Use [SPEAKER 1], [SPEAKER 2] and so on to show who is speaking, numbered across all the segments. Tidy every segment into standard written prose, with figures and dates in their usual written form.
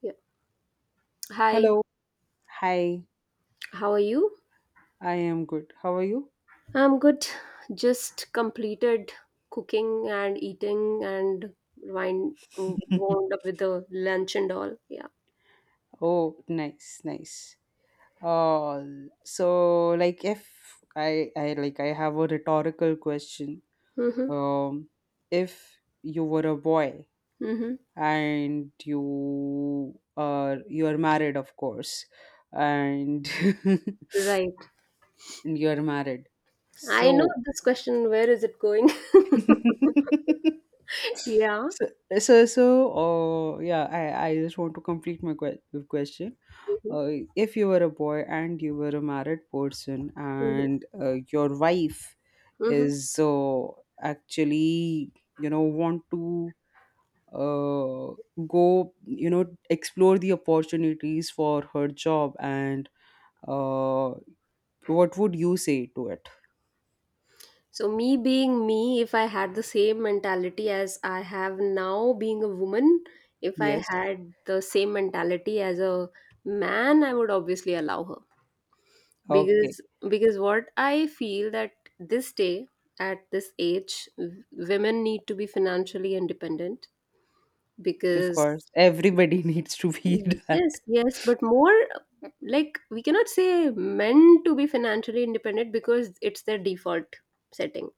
[SPEAKER 1] Yeah. Hi,
[SPEAKER 2] Hello. Hi.
[SPEAKER 1] how are you?
[SPEAKER 2] I am good. How are you?
[SPEAKER 1] I'm good. Just completed cooking and eating and wind wound up with the lunch and all. Yeah.
[SPEAKER 2] Oh, nice, nice. Uh, so like, if I I like I have a rhetorical question.
[SPEAKER 1] Mm-hmm.
[SPEAKER 2] Um, if you were a boy
[SPEAKER 1] Mm-hmm.
[SPEAKER 2] and you are married, of course, and
[SPEAKER 1] Right.
[SPEAKER 2] and you are married.
[SPEAKER 1] I know
[SPEAKER 2] So
[SPEAKER 1] this question, where is it going? Yeah.
[SPEAKER 2] so so so yeah, I just want to complete my question.
[SPEAKER 1] Mm-hmm.
[SPEAKER 2] uh, if you were a boy and you were a married person,
[SPEAKER 1] Mm-hmm.
[SPEAKER 2] and your wife
[SPEAKER 1] Hmm.
[SPEAKER 2] is actually want to uh, go, explore the opportunities for her job, and uh, what would you say to it?
[SPEAKER 1] So me being me, if I had the same mentality as I have now being a woman, if I
[SPEAKER 2] Yes.
[SPEAKER 1] had the same mentality as a man, I would obviously allow her.
[SPEAKER 2] Okay.
[SPEAKER 1] because because what I feel that this day at this age women need to be financially independent
[SPEAKER 2] Of course,
[SPEAKER 1] because
[SPEAKER 2] everybody needs to be that.
[SPEAKER 1] yes, but more like we cannot say men to be financially independent because it's their default setting,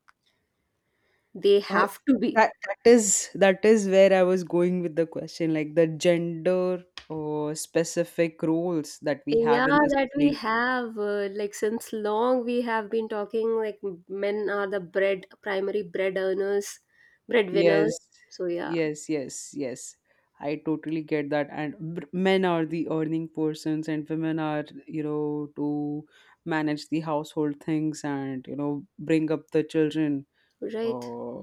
[SPEAKER 1] they
[SPEAKER 2] Uh,
[SPEAKER 1] have to be.
[SPEAKER 2] that is where I was going with the question, like the gender or specific roles that we have
[SPEAKER 1] Yeah,
[SPEAKER 2] in the
[SPEAKER 1] that we
[SPEAKER 2] society.
[SPEAKER 1] have like since long we have been talking like men are the bread, primary bread earners, breadwinners,
[SPEAKER 2] Yes,
[SPEAKER 1] so yeah.
[SPEAKER 2] yes, yes, yes. I totally get that. And men are the earning persons, and women are, to manage the household things and, bring up the children.
[SPEAKER 1] Right.
[SPEAKER 2] Uh,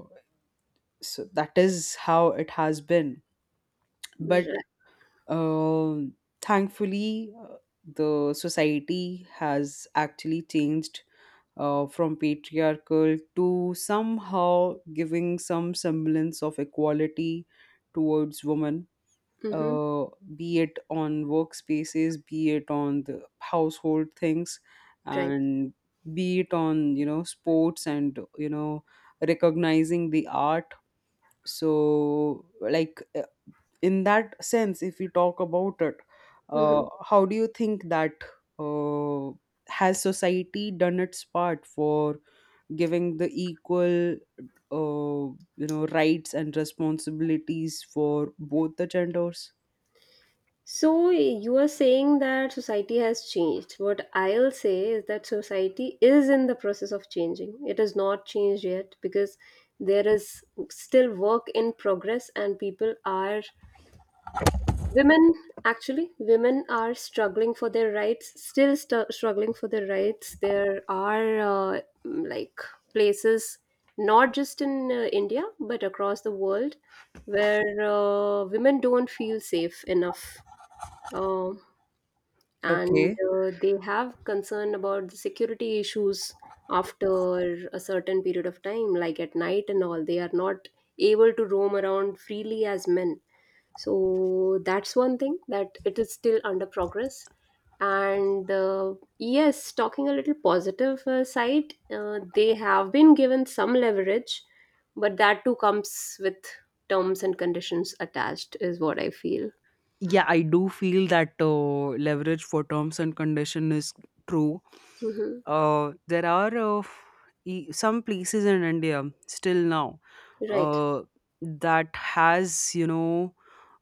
[SPEAKER 2] so that is how it has been.
[SPEAKER 1] Right.
[SPEAKER 2] But Uh, thankfully, the society has actually changed, from patriarchal to somehow giving some semblance of equality towards women,
[SPEAKER 1] Mm-hmm.
[SPEAKER 2] uh, be it on workspaces, be it on the household things,
[SPEAKER 1] Right.
[SPEAKER 2] and be it on, sports, and recognizing the art. So, like, in that sense, if we talk about it,
[SPEAKER 1] Mm-hmm.
[SPEAKER 2] how do you think that, uh, has society done its part for giving the equal, uh, rights and responsibilities for both the genders?
[SPEAKER 1] So you are saying that society has changed. What I'll say is that society is in the process of changing. It is not changed yet because there is still work in progress and people are Women, actually, women are struggling for their rights, still struggling for their rights. There are like places, not just in India, but across the world, where women don't feel safe enough. Uh, and
[SPEAKER 2] Okay.
[SPEAKER 1] uh, they have concern about the security issues after a certain period of time, like at night and all. They are not able to roam around freely as men, so that's one thing that it is still under progress. And yes, talking a little positive side, they have been given some leverage, but that too comes with terms and conditions attached is what I feel.
[SPEAKER 2] Yeah, I do feel that leverage for terms and condition is true.
[SPEAKER 1] Hmm.
[SPEAKER 2] There are some places in India still now,
[SPEAKER 1] Right.
[SPEAKER 2] uh, that has, you know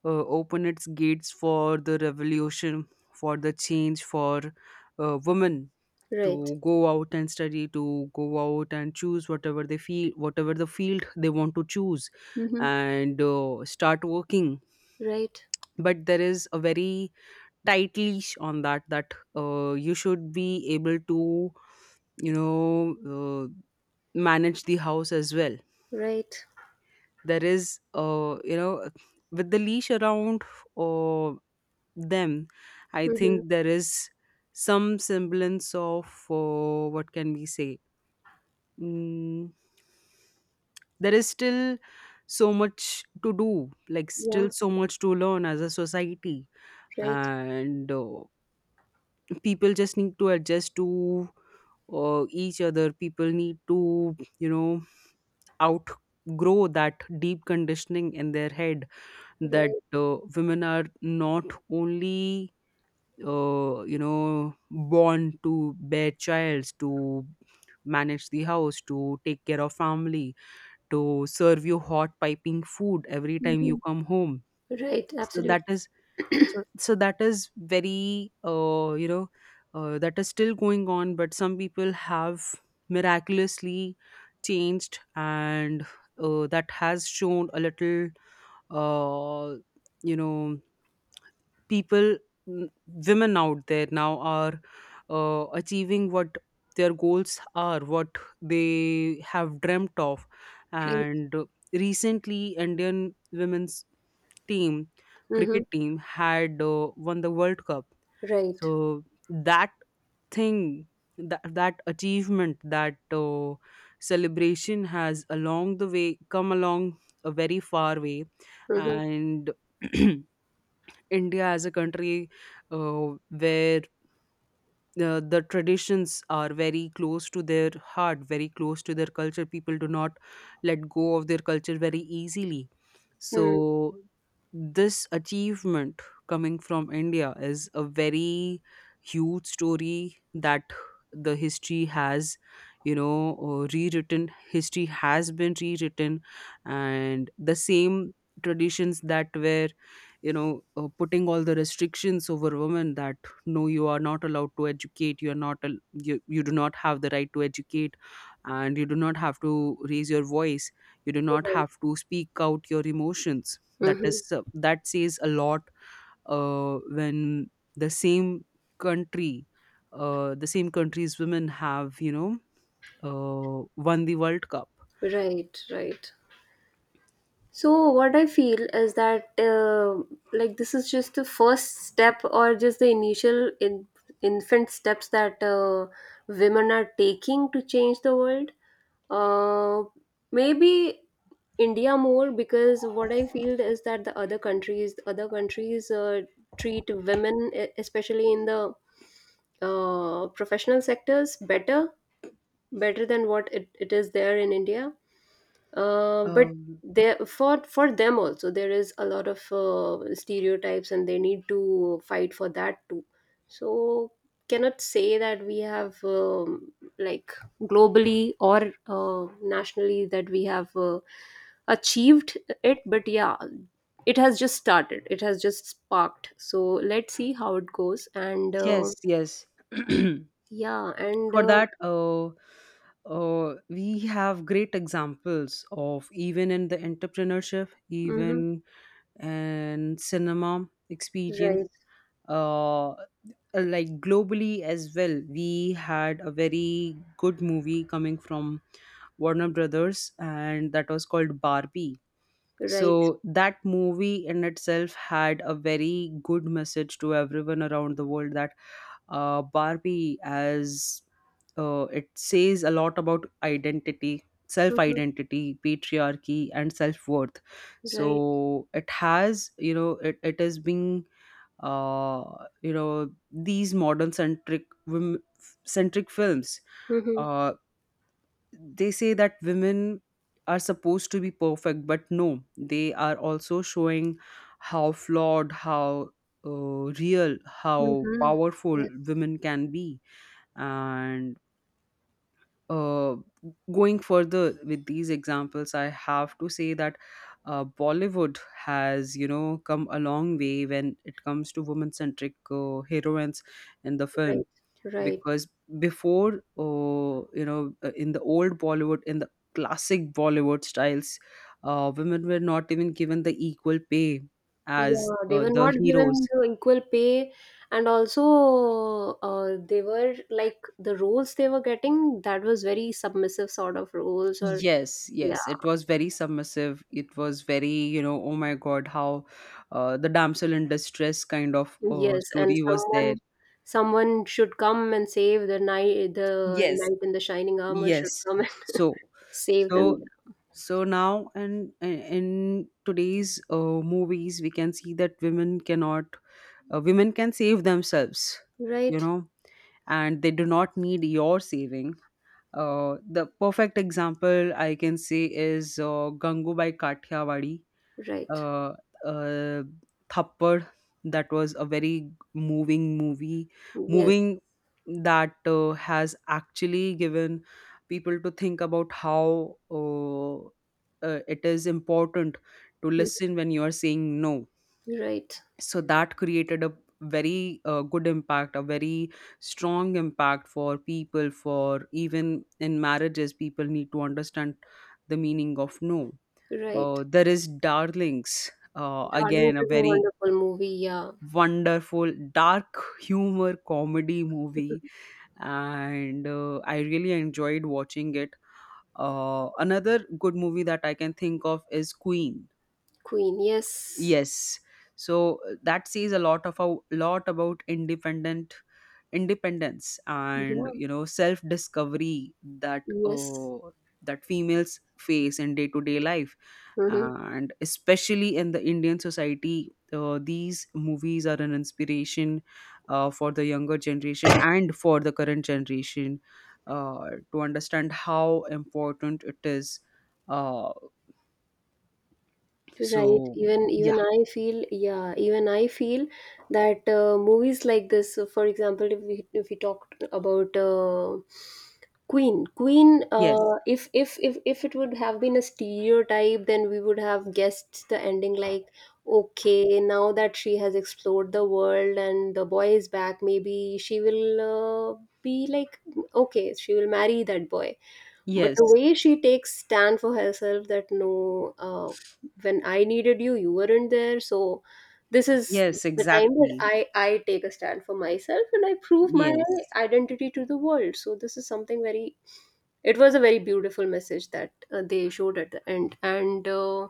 [SPEAKER 2] uh, opened its gates for the revolution, for the change for women
[SPEAKER 1] Right.
[SPEAKER 2] to go out and study, to go out and choose whatever they feel, whatever the field they want to choose,
[SPEAKER 1] Hmm.
[SPEAKER 2] and start working.
[SPEAKER 1] Right.
[SPEAKER 2] But there is a very tight leash on that, that you should be able to, you know uh, manage the house as well.
[SPEAKER 1] Right.
[SPEAKER 2] There is with the leash around uh, them, I
[SPEAKER 1] Hmm.
[SPEAKER 2] think there is some semblance of, what can we say, mm, there is still so much to do, like still
[SPEAKER 1] Yeah.
[SPEAKER 2] so much to learn as a society.
[SPEAKER 1] Right.
[SPEAKER 2] And people just need to adjust to each other. People need to outgrow that deep conditioning in their head, that
[SPEAKER 1] Right.
[SPEAKER 2] women are not only, born to bear child, to manage the house, to take care of family, to serve you hot piping food every time you
[SPEAKER 1] Hmm.
[SPEAKER 2] come home.
[SPEAKER 1] Right.
[SPEAKER 2] So that
[SPEAKER 1] Absolutely.
[SPEAKER 2] is, so so that is very, that is still going on, but some people have miraculously changed, and that has shown a little, uh, you know people, n- women out there now are achieving what their goals are, what they have dreamt of.
[SPEAKER 1] Right.
[SPEAKER 2] And recently, Indian women's team,
[SPEAKER 1] Hmm.
[SPEAKER 2] cricket team, had won the world cup. So
[SPEAKER 1] Right.
[SPEAKER 2] that thing, that achievement, that uh, celebration has, along the way, come along a very far way.
[SPEAKER 1] Hmm.
[SPEAKER 2] And India, as a country, where the traditions are very close to their heart, very close to their culture. People do not let go of their culture very easily.
[SPEAKER 1] Mm.
[SPEAKER 2] So, this achievement coming from India is a very huge story that the history has, rewritten. History has been rewritten, and the same traditions that were, putting all the restrictions over women, that no, you are not allowed to educate, you are not you do not have the right to educate, and you do not have to raise your voice, you do not
[SPEAKER 1] Right.
[SPEAKER 2] have to speak out your emotions. That is,
[SPEAKER 1] Hmm.
[SPEAKER 2] that says a lot. When the same country, the same country's women have, won the world cup.
[SPEAKER 1] Right, right. So what I feel is that like this is just the first step or just the initial in infant steps that women are taking to change the world. Uh, maybe India more because what I feel is that other countries treat women, especially in the professional sectors, better, better than what it is there in India. But
[SPEAKER 2] Um,
[SPEAKER 1] there, for them also there is a lot of stereotypes and they need to fight for that too. So cannot say that we have like globally or nationally that we have achieved it, but yeah, it has just started, it has just sparked, so let's see how it goes. And
[SPEAKER 2] yes, yes.
[SPEAKER 1] yeah. and
[SPEAKER 2] For
[SPEAKER 1] uh,
[SPEAKER 2] that, we have great examples of, even in the entrepreneurship,
[SPEAKER 1] mhm.
[SPEAKER 2] even in cinema experience.
[SPEAKER 1] Right.
[SPEAKER 2] uh, like, globally as well, we had a very good movie coming from Warner Brothers, and that was called Barbie.
[SPEAKER 1] Right.
[SPEAKER 2] So that movie in itself had a very good message to everyone around the world, that Barbie, as it says a lot about identity, self
[SPEAKER 1] Mhm.
[SPEAKER 2] identity, patriarchy, and self worth.
[SPEAKER 1] Right.
[SPEAKER 2] So it has, you know, it is being, uh, these modern centric, centric films.
[SPEAKER 1] Hmm.
[SPEAKER 2] Uh, they say that women are supposed to be perfect, but no, they are also showing how flawed, how real, how powerful
[SPEAKER 1] Hmm.
[SPEAKER 2] women can be. And uh, going further with these examples, I have to say that Bollywood has, come a long way when it comes to woman centric heroines in the film.
[SPEAKER 1] Right, right.
[SPEAKER 2] Because before, in the old Bollywood, in the classic Bollywood styles, women were not even given the equal pay as
[SPEAKER 1] Yeah, they were
[SPEAKER 2] the
[SPEAKER 1] not
[SPEAKER 2] heroes.
[SPEAKER 1] given the equal pay, and also they were like the roles they were getting, that was very submissive sort of roles, or
[SPEAKER 2] Yes,
[SPEAKER 1] yeah,
[SPEAKER 2] yes, it was very submissive, it was very, you know, oh my god, how the damsel in distress kind of
[SPEAKER 1] yes, and
[SPEAKER 2] story was
[SPEAKER 1] someone,
[SPEAKER 2] there.
[SPEAKER 1] someone should come and save the night, the
[SPEAKER 2] Yes,
[SPEAKER 1] knight in the shining armor should
[SPEAKER 2] yes.
[SPEAKER 1] come and
[SPEAKER 2] so
[SPEAKER 1] save them.
[SPEAKER 2] so so now, and in today's movies, we can see that women cannot women can save themselves, you
[SPEAKER 1] Right,
[SPEAKER 2] know and they do not need your saving. The perfect example I can say is Gangubai Kathiawadi,
[SPEAKER 1] right.
[SPEAKER 2] uh, uh, Thappad. That was a very moving movie.
[SPEAKER 1] Yes.
[SPEAKER 2] Moving, that has actually given people to think about how, uh, it is important to
[SPEAKER 1] Mm.
[SPEAKER 2] listen when you are saying no.
[SPEAKER 1] Right,
[SPEAKER 2] So that created a very, good impact, a very strong impact for people. For even in marriages, people need to understand the meaning of no.
[SPEAKER 1] right.
[SPEAKER 2] There is Darlings,
[SPEAKER 1] Darling,
[SPEAKER 2] again, a
[SPEAKER 1] is a
[SPEAKER 2] very
[SPEAKER 1] wonderful movie, yeah.
[SPEAKER 2] wonderful dark humor comedy movie, and I really enjoyed watching it. Another good movie that I can think of is Queen.
[SPEAKER 1] Queen, yes.
[SPEAKER 2] Yes. So, that says a lot of a lot about, independent independence and,
[SPEAKER 1] Yeah,
[SPEAKER 2] self discovery that
[SPEAKER 1] yes.
[SPEAKER 2] that females face in day to day life,
[SPEAKER 1] Mhm.
[SPEAKER 2] and especially in the Indian society, these movies are an inspiration for the younger generation and for the current generation, to understand how important it is. uh,
[SPEAKER 1] Right.
[SPEAKER 2] so
[SPEAKER 1] Even
[SPEAKER 2] yeah.
[SPEAKER 1] even I feel, yeah. Even I feel that movies like this. For example, if we talked about Queen, Queen.
[SPEAKER 2] Yes,
[SPEAKER 1] If if it would have been a stereotype, then we would have guessed the ending like, okay, now that she has explored the world and the boy is back, maybe she will be like, okay, she will marry that boy, but the
[SPEAKER 2] yes.
[SPEAKER 1] way she takes stand for herself that no, uh, when I needed you, you weren't there, so this is
[SPEAKER 2] Yes,
[SPEAKER 1] the time that
[SPEAKER 2] exactly.
[SPEAKER 1] I take a stand for myself and I prove my
[SPEAKER 2] Yes,
[SPEAKER 1] identity to the world. So this is something very, it was a very beautiful message that they showed at the end. And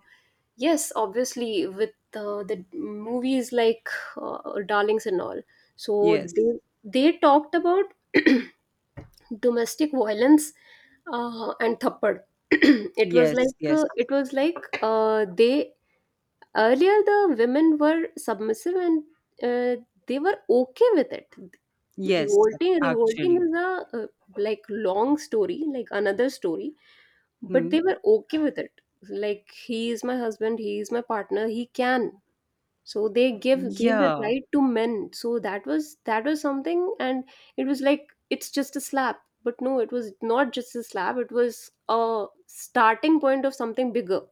[SPEAKER 1] yes, obviously with the movies like uh, darlings and all, so
[SPEAKER 2] yes,
[SPEAKER 1] they talked about domestic violence, and thappad. It was
[SPEAKER 2] yes,
[SPEAKER 1] like,
[SPEAKER 2] yes,
[SPEAKER 1] they, earlier the women were submissive and uh, they were okay with it.
[SPEAKER 2] yes,
[SPEAKER 1] Revolting
[SPEAKER 2] actually.
[SPEAKER 1] is a, like long story, like another story, but
[SPEAKER 2] Hmm.
[SPEAKER 1] they were okay with it, like he is my husband, he is my partner, he can, so they give gave the
[SPEAKER 2] Yeah,
[SPEAKER 1] right to men, so that was, that was something. And it was like, it's just a slap, but no, it was not just a slap, it was a starting point of something bigger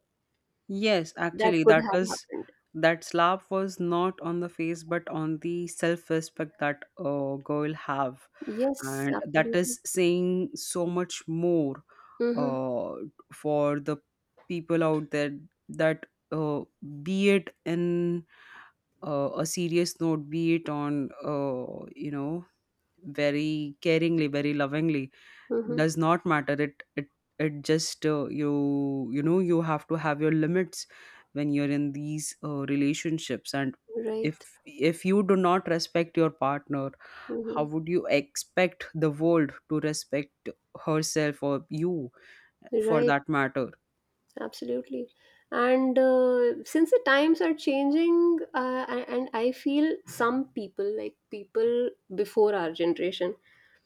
[SPEAKER 2] yes,
[SPEAKER 1] that
[SPEAKER 2] actually,
[SPEAKER 1] could
[SPEAKER 2] that
[SPEAKER 1] have
[SPEAKER 2] was,
[SPEAKER 1] happened.
[SPEAKER 2] that slap was not on the face but on the self-respect that a girl have,
[SPEAKER 1] Yes,
[SPEAKER 2] and that
[SPEAKER 1] absolutely.
[SPEAKER 2] is saying so much more,
[SPEAKER 1] Mm-hmm.
[SPEAKER 2] uh for the people out there, that uh be it in, a serious note, be it on, very caringly, very lovingly,
[SPEAKER 1] Mm-hmm.
[SPEAKER 2] does not matter. It just, you know you have to have your limits when you're in these relationships, and
[SPEAKER 1] Right.
[SPEAKER 2] if if you do not respect your partner, how
[SPEAKER 1] Mm-hmm.
[SPEAKER 2] would you expect the world to respect herself or you for
[SPEAKER 1] Right.
[SPEAKER 2] that matter?
[SPEAKER 1] Absolutely. And since the times are changing, and I feel some people like people before our generation,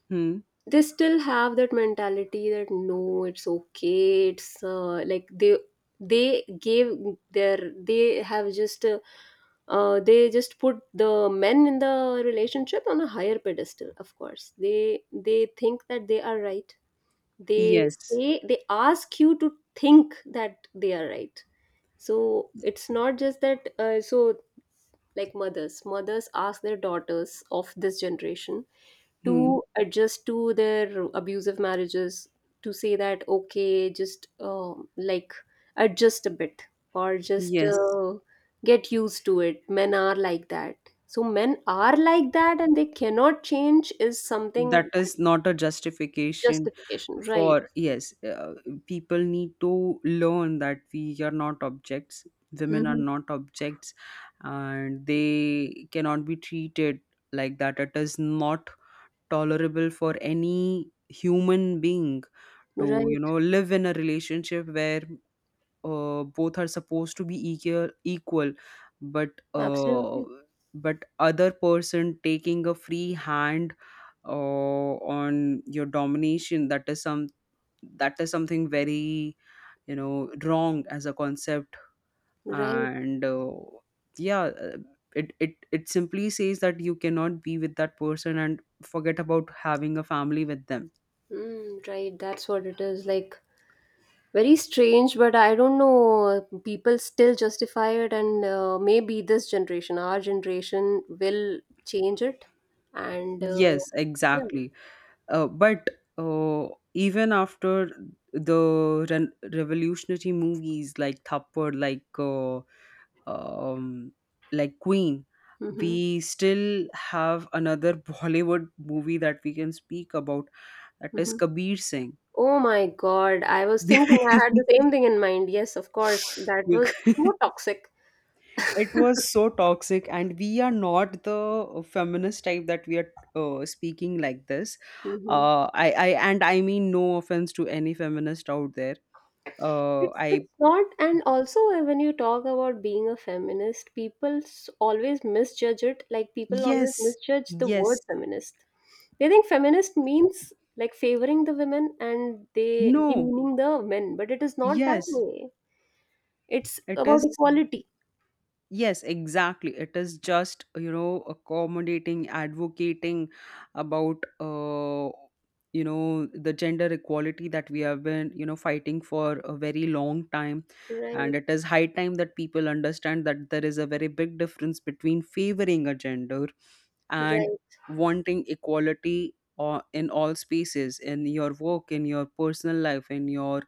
[SPEAKER 2] Hmm.
[SPEAKER 1] they still have that mentality that no, it's okay, it's like they gave their, they have just they just put the men in the relationship on a higher pedestal. Of course they think that they are right, they
[SPEAKER 2] Yes.
[SPEAKER 1] say, they ask you to think that they are right. So it's not just that so like mothers ask their daughters of this generation to
[SPEAKER 2] Hmm.
[SPEAKER 1] adjust to their abusive marriages, to say that okay, just like adjust a bit or just
[SPEAKER 2] Yes,
[SPEAKER 1] get used to it, men are like that. So men are like that and they cannot change is something
[SPEAKER 2] that
[SPEAKER 1] that
[SPEAKER 2] is not a justification
[SPEAKER 1] justification, right.
[SPEAKER 2] for. Yes, people need to learn that we are not objects, women are
[SPEAKER 1] Hmm.
[SPEAKER 2] not objects, and they cannot be treated like that. It is not tolerable for any human being to,
[SPEAKER 1] Right.
[SPEAKER 2] live in a relationship where both are supposed to be equal, equal, but uh,
[SPEAKER 1] Absolutely.
[SPEAKER 2] but other person taking a free hand on your domination. That is some, that is something very, wrong as a concept.
[SPEAKER 1] Right.
[SPEAKER 2] And yeah, it simply says that you cannot be with that person, and forget about having a family with them.
[SPEAKER 1] Mm, right, that's what it is, like very strange, but I don't know, people still justify it. And maybe this generation, our generation will change it. And
[SPEAKER 2] Yes,
[SPEAKER 1] yeah.
[SPEAKER 2] exactly. But uh, Even after the revolutionary movies like *Thappad*, like, um, like Queen,
[SPEAKER 1] Hmm.
[SPEAKER 2] we still have another Bollywood movie that we can speak about. That is
[SPEAKER 1] Hmm.
[SPEAKER 2] Kabir Singh.
[SPEAKER 1] Oh my god, I was thinking, I had the same thing in mind, yes, of course, that was
[SPEAKER 2] Bec-
[SPEAKER 1] so toxic.
[SPEAKER 2] it was so toxic, and we are not the feminist type that we are, speaking like this.
[SPEAKER 1] Hmm.
[SPEAKER 2] I and I mean no offense to any feminist out there, I...
[SPEAKER 1] It's not, and also when you talk about being a feminist, people always misjudge it. Like people always
[SPEAKER 2] Yes,
[SPEAKER 1] misjudge the word
[SPEAKER 2] yes.
[SPEAKER 1] feminist. They think feminist means like favoring the women and they
[SPEAKER 2] No,
[SPEAKER 1] demeaning the men, but it is not that
[SPEAKER 2] yes.
[SPEAKER 1] way. It's
[SPEAKER 2] It
[SPEAKER 1] about
[SPEAKER 2] is...
[SPEAKER 1] equality.
[SPEAKER 2] Yes, exactly. It is just, you know, accommodating, advocating about, the gender equality that we have been, you know, fighting for a very long time. And
[SPEAKER 1] Right,
[SPEAKER 2] it is high time that people understand that there is a very big difference between favoring a gender and
[SPEAKER 1] right,
[SPEAKER 2] wanting equality, or in all spaces, in your work, in your personal life, in your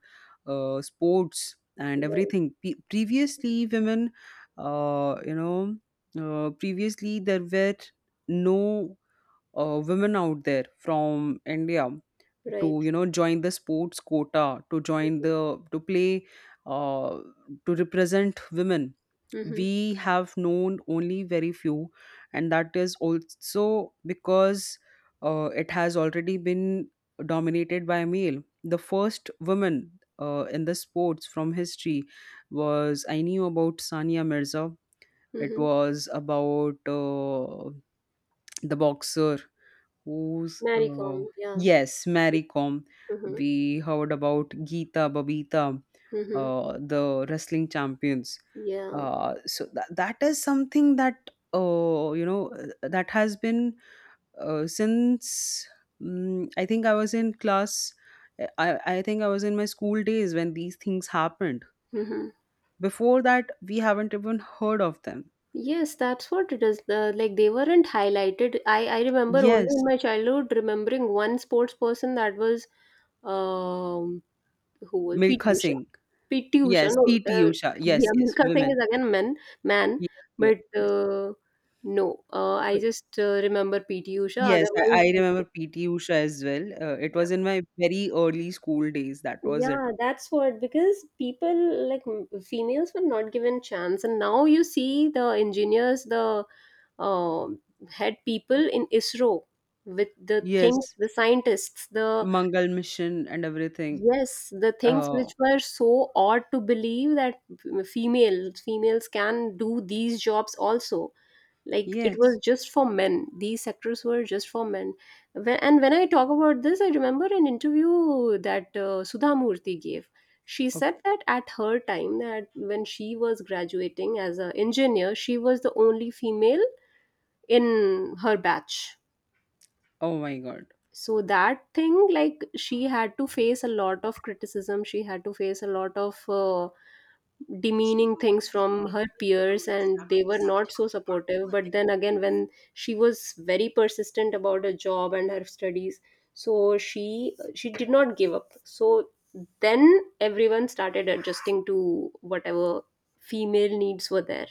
[SPEAKER 2] sports, and
[SPEAKER 1] right,
[SPEAKER 2] everything. Previously, women, uh, you know previously, there were no women out there from India
[SPEAKER 1] right.
[SPEAKER 2] to, join the sports quota, to join the to play, uh, to represent women.
[SPEAKER 1] Mm-hmm,
[SPEAKER 2] We have known only very few, and that is also because it has already been dominated by male. The first woman in the sports from history was, I knew about Sania Mirza. It
[SPEAKER 1] mm-hmm.
[SPEAKER 2] was about, the boxer who's
[SPEAKER 1] Maricom, yeah.
[SPEAKER 2] yes, Mary Kom.
[SPEAKER 1] Mm-hmm,
[SPEAKER 2] We heard about Geeta, Babita,
[SPEAKER 1] mm-hmm,
[SPEAKER 2] the wrestling champions.
[SPEAKER 1] yeah.
[SPEAKER 2] So that is something that uh, you know that has been since I think I was in class. I think I was in my school days when these things happened.
[SPEAKER 1] Mm-hmm.
[SPEAKER 2] Before that, we haven't even heard of them.
[SPEAKER 1] Yes, that's what it is. The, like they weren't highlighted. I remember only
[SPEAKER 2] Yes,
[SPEAKER 1] in my childhood remembering one sports person that was um who was PT
[SPEAKER 2] Milkha
[SPEAKER 1] Usha.
[SPEAKER 2] Singh.
[SPEAKER 1] PT Usha.
[SPEAKER 2] Yes,
[SPEAKER 1] No,
[SPEAKER 2] PT Usha. Yes,
[SPEAKER 1] yeah,
[SPEAKER 2] yes,
[SPEAKER 1] Milka Singh
[SPEAKER 2] women.
[SPEAKER 1] is again man, man,
[SPEAKER 2] Yes, yes,
[SPEAKER 1] but
[SPEAKER 2] yes.
[SPEAKER 1] no, uh, I
[SPEAKER 2] So,
[SPEAKER 1] just uh, remember PT Usha.
[SPEAKER 2] yes, I,
[SPEAKER 1] Otherwise,
[SPEAKER 2] I remember
[SPEAKER 1] no.
[SPEAKER 2] PT Usha as well. It
[SPEAKER 1] Yeah,
[SPEAKER 2] was in my very early school days. That was it.
[SPEAKER 1] yeah, that's what, because people like females were not given chance, and now you see the engineers, the um had people in ISRO with the things,
[SPEAKER 2] Yes,
[SPEAKER 1] the scientists, the,
[SPEAKER 2] Mangal Mission and everything.
[SPEAKER 1] yes, the things
[SPEAKER 2] Oh,
[SPEAKER 1] which were so odd to believe that females can do these jobs also. Like it was
[SPEAKER 2] yes.
[SPEAKER 1] just for men. These sectors were just for men. When, and when I talk about this, I remember an interview that Sudha Murthy gave. She
[SPEAKER 2] Oh,
[SPEAKER 1] said that at her time, that when she was graduating as an engineer, she was the only female in her batch.
[SPEAKER 2] oh my God.
[SPEAKER 1] So that thing, like she had to face a lot of criticism, she had to face a lot of demeaning things from her peers and they were not so supportive, but then again when she was very persistent about her job and her studies, so she did not give up. So then everyone started adjusting to whatever female needs were there,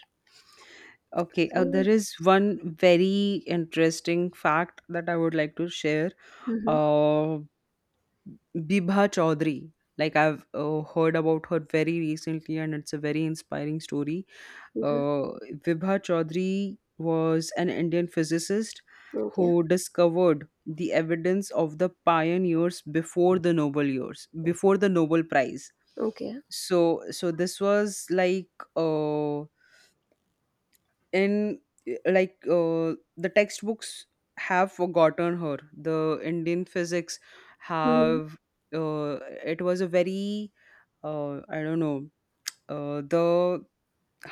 [SPEAKER 2] Okay, there
[SPEAKER 1] so
[SPEAKER 2] is one very interesting fact that I would like to share.
[SPEAKER 1] mm-hmm.
[SPEAKER 2] Uh, Bibha Chaudhary. Like I've heard about her very recently, and it's a very inspiring story.
[SPEAKER 1] Hmm.
[SPEAKER 2] Uh, Vibha Chaudhary was an Indian physicist
[SPEAKER 1] Okay.
[SPEAKER 2] who discovered the evidence of the pioneers before the Nobel years, before the Nobel Prize.
[SPEAKER 1] Okay.
[SPEAKER 2] So this was like uh, in the textbooks have forgotten her, the indian physics
[SPEAKER 1] Mhm.
[SPEAKER 2] have, uh, it was a very, I don't know, the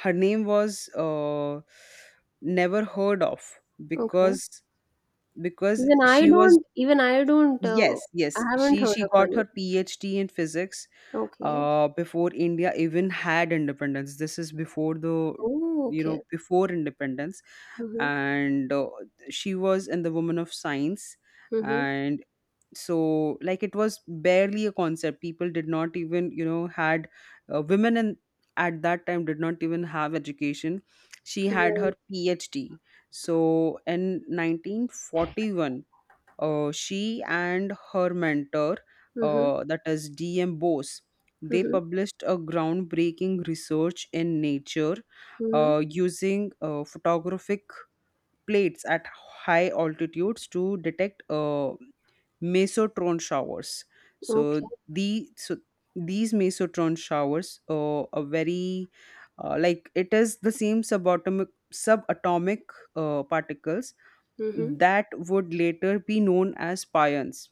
[SPEAKER 2] her name was never heard of,
[SPEAKER 1] Okay.
[SPEAKER 2] because because
[SPEAKER 1] Even I
[SPEAKER 2] she was,
[SPEAKER 1] don't even I don't uh,
[SPEAKER 2] yes
[SPEAKER 1] I
[SPEAKER 2] yes
[SPEAKER 1] haven't
[SPEAKER 2] she
[SPEAKER 1] heard
[SPEAKER 2] she
[SPEAKER 1] of
[SPEAKER 2] got
[SPEAKER 1] her
[SPEAKER 2] her
[SPEAKER 1] name.
[SPEAKER 2] phd in physics
[SPEAKER 1] Okay.
[SPEAKER 2] before India even had independence. This is before the,
[SPEAKER 1] Oh,
[SPEAKER 2] you
[SPEAKER 1] okay.
[SPEAKER 2] know, before independence,
[SPEAKER 1] Mm-hmm.
[SPEAKER 2] and she was in the Woman of Science,
[SPEAKER 1] Mm-hmm.
[SPEAKER 2] and so like it was barely a concept. People did not even, you know, had women, and at that time did not even have education. She had her
[SPEAKER 1] Right.
[SPEAKER 2] PhD. So in 1941, she and her mentor,
[SPEAKER 1] Mm-hmm.
[SPEAKER 2] that is D.M. Bose, they
[SPEAKER 1] Mm-hmm.
[SPEAKER 2] published a groundbreaking research in Nature,
[SPEAKER 1] Mm-hmm.
[SPEAKER 2] using photographic plates at high altitudes to detect mesotron showers. So
[SPEAKER 1] Okay.
[SPEAKER 2] so these mesotron showers are very like it is the same subatomic particles
[SPEAKER 1] Mm-hmm.
[SPEAKER 2] that would later be known as pions.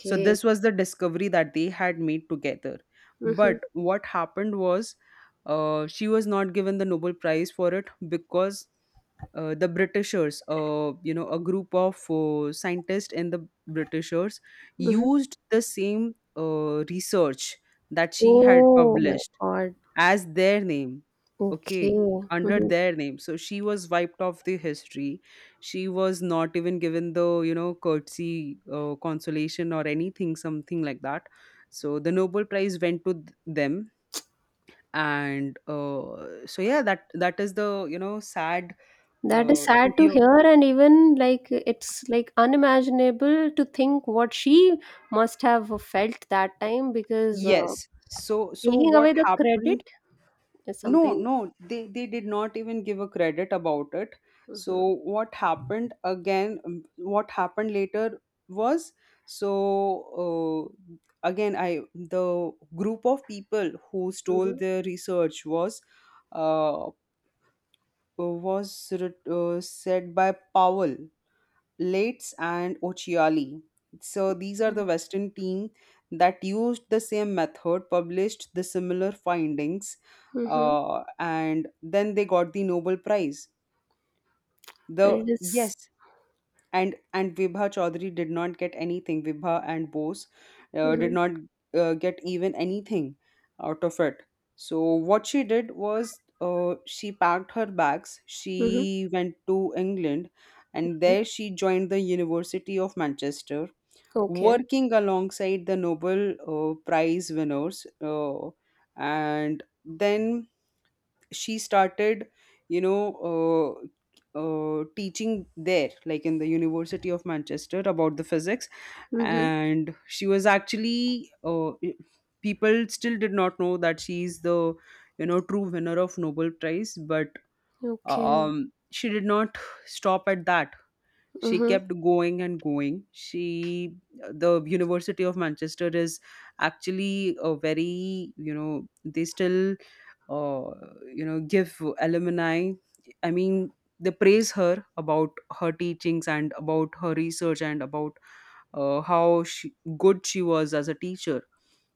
[SPEAKER 2] So, this was the discovery that they had made together.
[SPEAKER 1] Mm-hmm.
[SPEAKER 2] But what happened was, she was not given the Nobel Prize for it because the Britishers, you know, a group of scientists in the Britishers
[SPEAKER 1] Mm-hmm.
[SPEAKER 2] used the same research that she had
[SPEAKER 1] Oh my
[SPEAKER 2] published
[SPEAKER 1] God.
[SPEAKER 2] as their name,
[SPEAKER 1] Okay.
[SPEAKER 2] okay, under
[SPEAKER 1] Mm-hmm.
[SPEAKER 2] their name. So she was wiped off the history. She was not even given the, you know, courtesy, consolation, or anything something like that. So the nobel prize went to them, and so yeah, that is the, you know, sad
[SPEAKER 1] That is
[SPEAKER 2] to
[SPEAKER 1] sad to
[SPEAKER 2] hear.
[SPEAKER 1] hear, and even like it's like unimaginable to think what she must have felt that time because
[SPEAKER 2] Yes, so so
[SPEAKER 1] taking
[SPEAKER 2] what
[SPEAKER 1] away the
[SPEAKER 2] happened.
[SPEAKER 1] credit is
[SPEAKER 2] No,
[SPEAKER 1] something.
[SPEAKER 2] no, they did not even give a credit about it. So
[SPEAKER 1] Mm-hmm.
[SPEAKER 2] what happened again? What happened later was, so, uh, again I, the group of people who stole
[SPEAKER 1] Mm-hmm.
[SPEAKER 2] their research was uh, said by Powell, Leitz and Occhiali. So these are
[SPEAKER 1] Yeah.
[SPEAKER 2] the Western team that used the same method, published the similar findings,
[SPEAKER 1] Mm-hmm.
[SPEAKER 2] and then they got the Nobel Prize. The
[SPEAKER 1] It
[SPEAKER 2] yes,
[SPEAKER 1] is
[SPEAKER 2] and Vibha Chaudhary did not get anything. Vibha and Bose did
[SPEAKER 1] mhm,
[SPEAKER 2] not get even anything out of it. So what she did was, she packed her bags.
[SPEAKER 1] mhm.
[SPEAKER 2] She went to England, and there she joined the University of Manchester,
[SPEAKER 1] Okay.
[SPEAKER 2] working alongside the Nobel Prize winners. And then she started, you know, teaching there, like in the university of manchester, about the physics.
[SPEAKER 1] Mhm.
[SPEAKER 2] And she was actually people still did not know that she's the, you know, true winner of nobel prize, but
[SPEAKER 1] Okay.
[SPEAKER 2] she did not stop at that. She
[SPEAKER 1] Mhm.
[SPEAKER 2] kept going and going. She, the university of manchester is actually a very, you know, they still uh, you know give alumni, I mean, they praise her about her teachings and about her research and about how she, good she was as a teacher.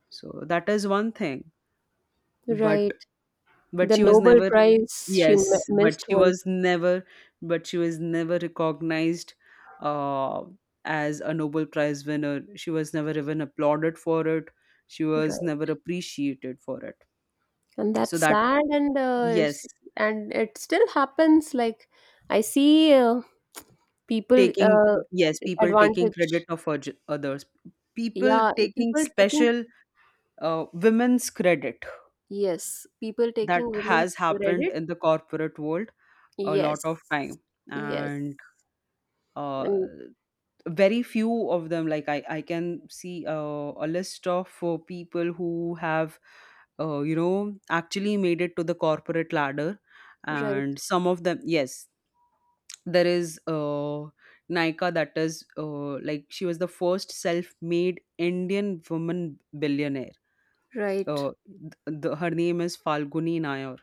[SPEAKER 2] So that is one thing, but
[SPEAKER 1] Right.
[SPEAKER 2] but
[SPEAKER 1] The
[SPEAKER 2] she was
[SPEAKER 1] Nobel
[SPEAKER 2] never,
[SPEAKER 1] Prize she
[SPEAKER 2] yes but
[SPEAKER 1] missed
[SPEAKER 2] she was
[SPEAKER 1] was
[SPEAKER 2] never, but she was never recognized uh, as a nobel prize winner. She was never even applauded for it. She was
[SPEAKER 1] right,
[SPEAKER 2] never appreciated for it.
[SPEAKER 1] and
[SPEAKER 2] So
[SPEAKER 1] that's
[SPEAKER 2] that,
[SPEAKER 1] sad. And
[SPEAKER 2] yes,
[SPEAKER 1] and it still happens. Like I see people
[SPEAKER 2] taking, yes, people taking
[SPEAKER 1] advantage.
[SPEAKER 2] credit of others. People
[SPEAKER 1] Yeah,
[SPEAKER 2] taking
[SPEAKER 1] people taking
[SPEAKER 2] special women's credit.
[SPEAKER 1] yes, people
[SPEAKER 2] That
[SPEAKER 1] taking women's
[SPEAKER 2] has happened
[SPEAKER 1] credit.
[SPEAKER 2] in the corporate world a lot of
[SPEAKER 1] Yes,
[SPEAKER 2] time,
[SPEAKER 1] yes,
[SPEAKER 2] and uh,
[SPEAKER 1] and
[SPEAKER 2] very few of them. Like I can see a list of people who have you know, actually made it to the corporate ladder,
[SPEAKER 1] right,
[SPEAKER 2] and some of them, yes, there is Nika, that is like she was the first self-made Indian woman billionaire.
[SPEAKER 1] right,
[SPEAKER 2] Uh, Her name is Falguni Nayar.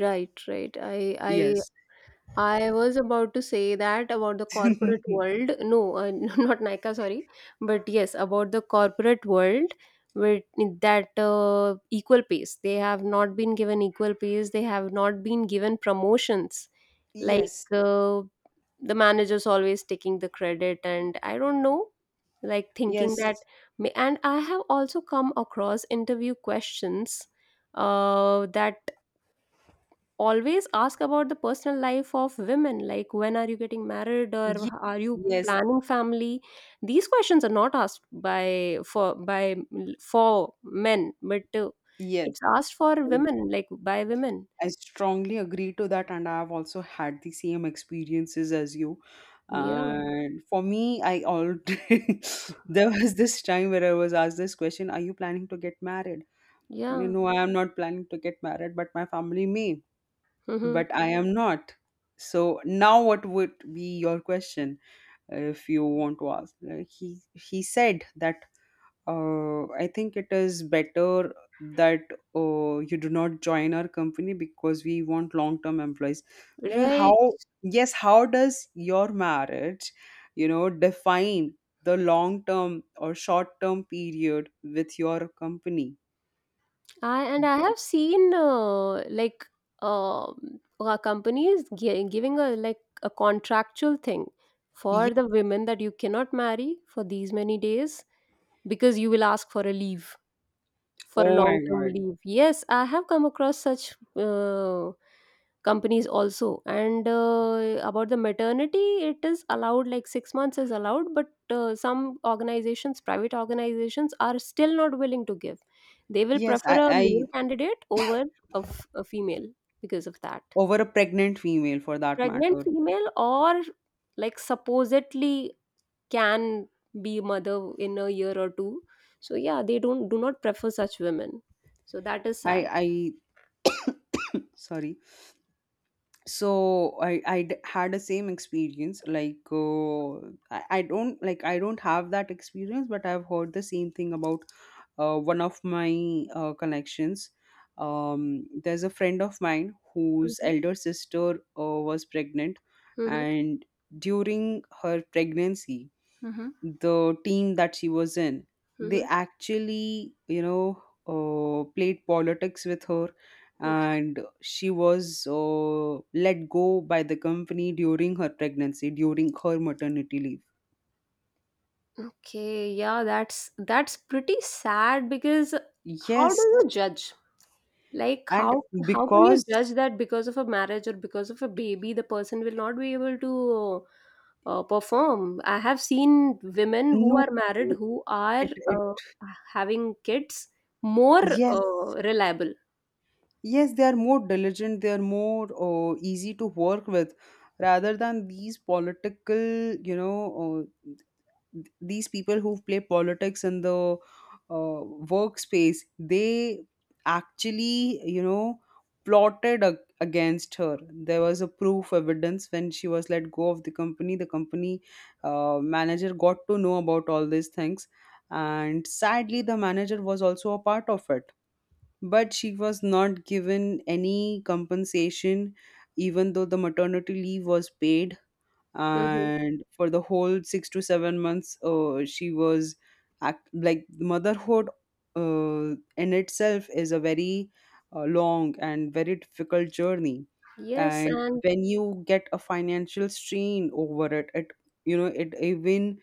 [SPEAKER 1] right, right. I
[SPEAKER 2] Yes.
[SPEAKER 1] I was about to say that about the corporate world. No, not Nika, sorry. But yes, about the corporate world with that equal pace. They have not been given equal pace. They have not been given promotions. Like
[SPEAKER 2] Yes.
[SPEAKER 1] the manager's always taking the credit, and I don't know, like thinking that.
[SPEAKER 2] Yes.
[SPEAKER 1] And I have also come across interview questions that always ask about the personal life of women like when are you getting married or
[SPEAKER 2] Yes.
[SPEAKER 1] are you
[SPEAKER 2] Yes.
[SPEAKER 1] planning family. These questions are not asked by, for, by for men, but
[SPEAKER 2] Yes.
[SPEAKER 1] it's asked for
[SPEAKER 2] I,
[SPEAKER 1] women like by women,
[SPEAKER 2] I strongly agree to that, and I have also had the same experiences as you.
[SPEAKER 1] yeah,
[SPEAKER 2] And for me, I all there was this time where I was asked this question: Are you planning to get married? You
[SPEAKER 1] yeah.
[SPEAKER 2] know, I am not planning to get married, but my family may,
[SPEAKER 1] Hmm.
[SPEAKER 2] but I am not. So now what would be your question if you want to ask? He said that I think it is better that you do not join our company because we want long-term employees. Like how,
[SPEAKER 1] Right.
[SPEAKER 2] yes, how does your marriage, you know, define the long-term or short-term period with your company?
[SPEAKER 1] And I have seen, like, companies giving a, like a contractual thing
[SPEAKER 2] Yes.
[SPEAKER 1] for the women that you cannot marry for these many days because you will ask for a leave, for a
[SPEAKER 2] Oh my
[SPEAKER 1] long term
[SPEAKER 2] God.
[SPEAKER 1] leave. Yes, I have come across such uh, companies also. And about the maternity, it is allowed, like 6 months is allowed, but some organizations, private organizations are still not willing to give, they will
[SPEAKER 2] Yes,
[SPEAKER 1] prefer a
[SPEAKER 2] I
[SPEAKER 1] male candidate over a female because of that,
[SPEAKER 2] over a pregnant female for that
[SPEAKER 1] pregnant
[SPEAKER 2] matter.
[SPEAKER 1] female, or like supposedly can be mother in a year or two. So yeah, they don't, do not prefer such women, so that is sad.
[SPEAKER 2] I sorry. So I, had a same experience. Like I don't like I don't have that experience, but I've heard the same thing about one of my connections. There's a friend of mine whose
[SPEAKER 1] Hmm.
[SPEAKER 2] elder sister was pregnant,
[SPEAKER 1] Hmm.
[SPEAKER 2] and during her pregnancy,
[SPEAKER 1] Mm-hmm.
[SPEAKER 2] the team that she was in, they
[SPEAKER 1] Mm-hmm.
[SPEAKER 2] actually, you know, played politics with her,
[SPEAKER 1] Okay.
[SPEAKER 2] and she was let go by the company during her pregnancy, during her maternity leave.
[SPEAKER 1] Okay, yeah, that's pretty sad, because how do
[SPEAKER 2] Yes,
[SPEAKER 1] you judge, like how
[SPEAKER 2] and
[SPEAKER 1] how can you judge
[SPEAKER 2] because
[SPEAKER 1] that because of a marriage or because of a baby, the person will not be able to perform? I have seen women who
[SPEAKER 2] no,
[SPEAKER 1] are married, who are
[SPEAKER 2] it, it,
[SPEAKER 1] having kids, more
[SPEAKER 2] yes,
[SPEAKER 1] reliable.
[SPEAKER 2] yes they are more diligent. They are more easy to work with, rather than these political, you know, these people who play politics in the uh, workspace. They actually, you know, plotted against her. There was a proof evidence. When she was let go of the company, the company manager got to know about all these things, and sadly the manager was also a part of it, but she was not given any compensation, even though the maternity leave was paid.
[SPEAKER 1] Hmm.
[SPEAKER 2] And for the whole 6 to 7 months she was like motherhood in itself is a very long and very difficult journey,
[SPEAKER 1] Yes,
[SPEAKER 2] and
[SPEAKER 1] and
[SPEAKER 2] when you get a financial strain over it, it, you know, it even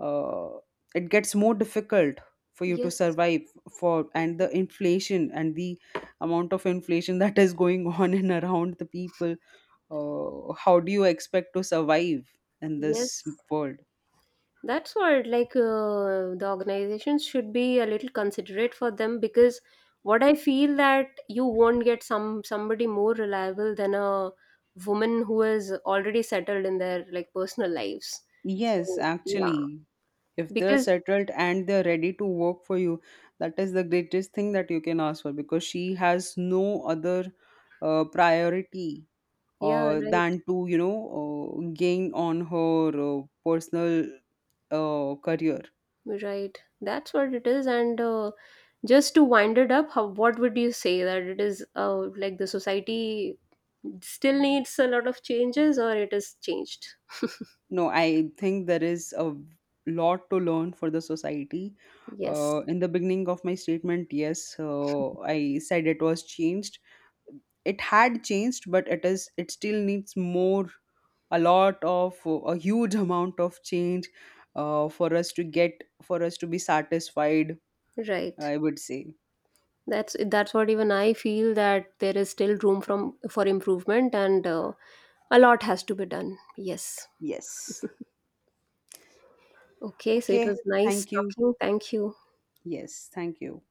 [SPEAKER 2] uh, it gets more difficult for you to
[SPEAKER 1] yes,
[SPEAKER 2] survive, for and the inflation and the amount of inflation that is going on and around the people. How do you expect to survive in
[SPEAKER 1] yes.
[SPEAKER 2] this world?
[SPEAKER 1] That's what, like, the organizations should be a little considerate for them, because what I feel that you won't get somebody more reliable than a woman who is already settled in their like personal lives.
[SPEAKER 2] Yes,
[SPEAKER 1] So yeah,
[SPEAKER 2] actually, if they're
[SPEAKER 1] because
[SPEAKER 2] settled and they're ready to work for you, that is the greatest thing that you can ask for, because she has no other priority
[SPEAKER 1] yeah, right,
[SPEAKER 2] than to, you know, gain on her personal career.
[SPEAKER 1] right. That's what it is. And just to wind it up, how, what would you say that it is? Like the society still needs a lot of changes, or it is changed?
[SPEAKER 2] No, I think there is a lot to learn for the society.
[SPEAKER 1] Yes,
[SPEAKER 2] In the beginning of my statement, yes, I said it was changed. It had changed, but it is it still needs more, a lot of a huge amount of change for us to get, for us to be satisfied.
[SPEAKER 1] right.
[SPEAKER 2] I would say
[SPEAKER 1] That's what even I feel, that there is still room from for improvement. And a lot has to be done. Yes.
[SPEAKER 2] yes.
[SPEAKER 1] Okay, so it
[SPEAKER 2] Okay,
[SPEAKER 1] was nice
[SPEAKER 2] thank you.
[SPEAKER 1] talking. Thank you.
[SPEAKER 2] Yes, thank you.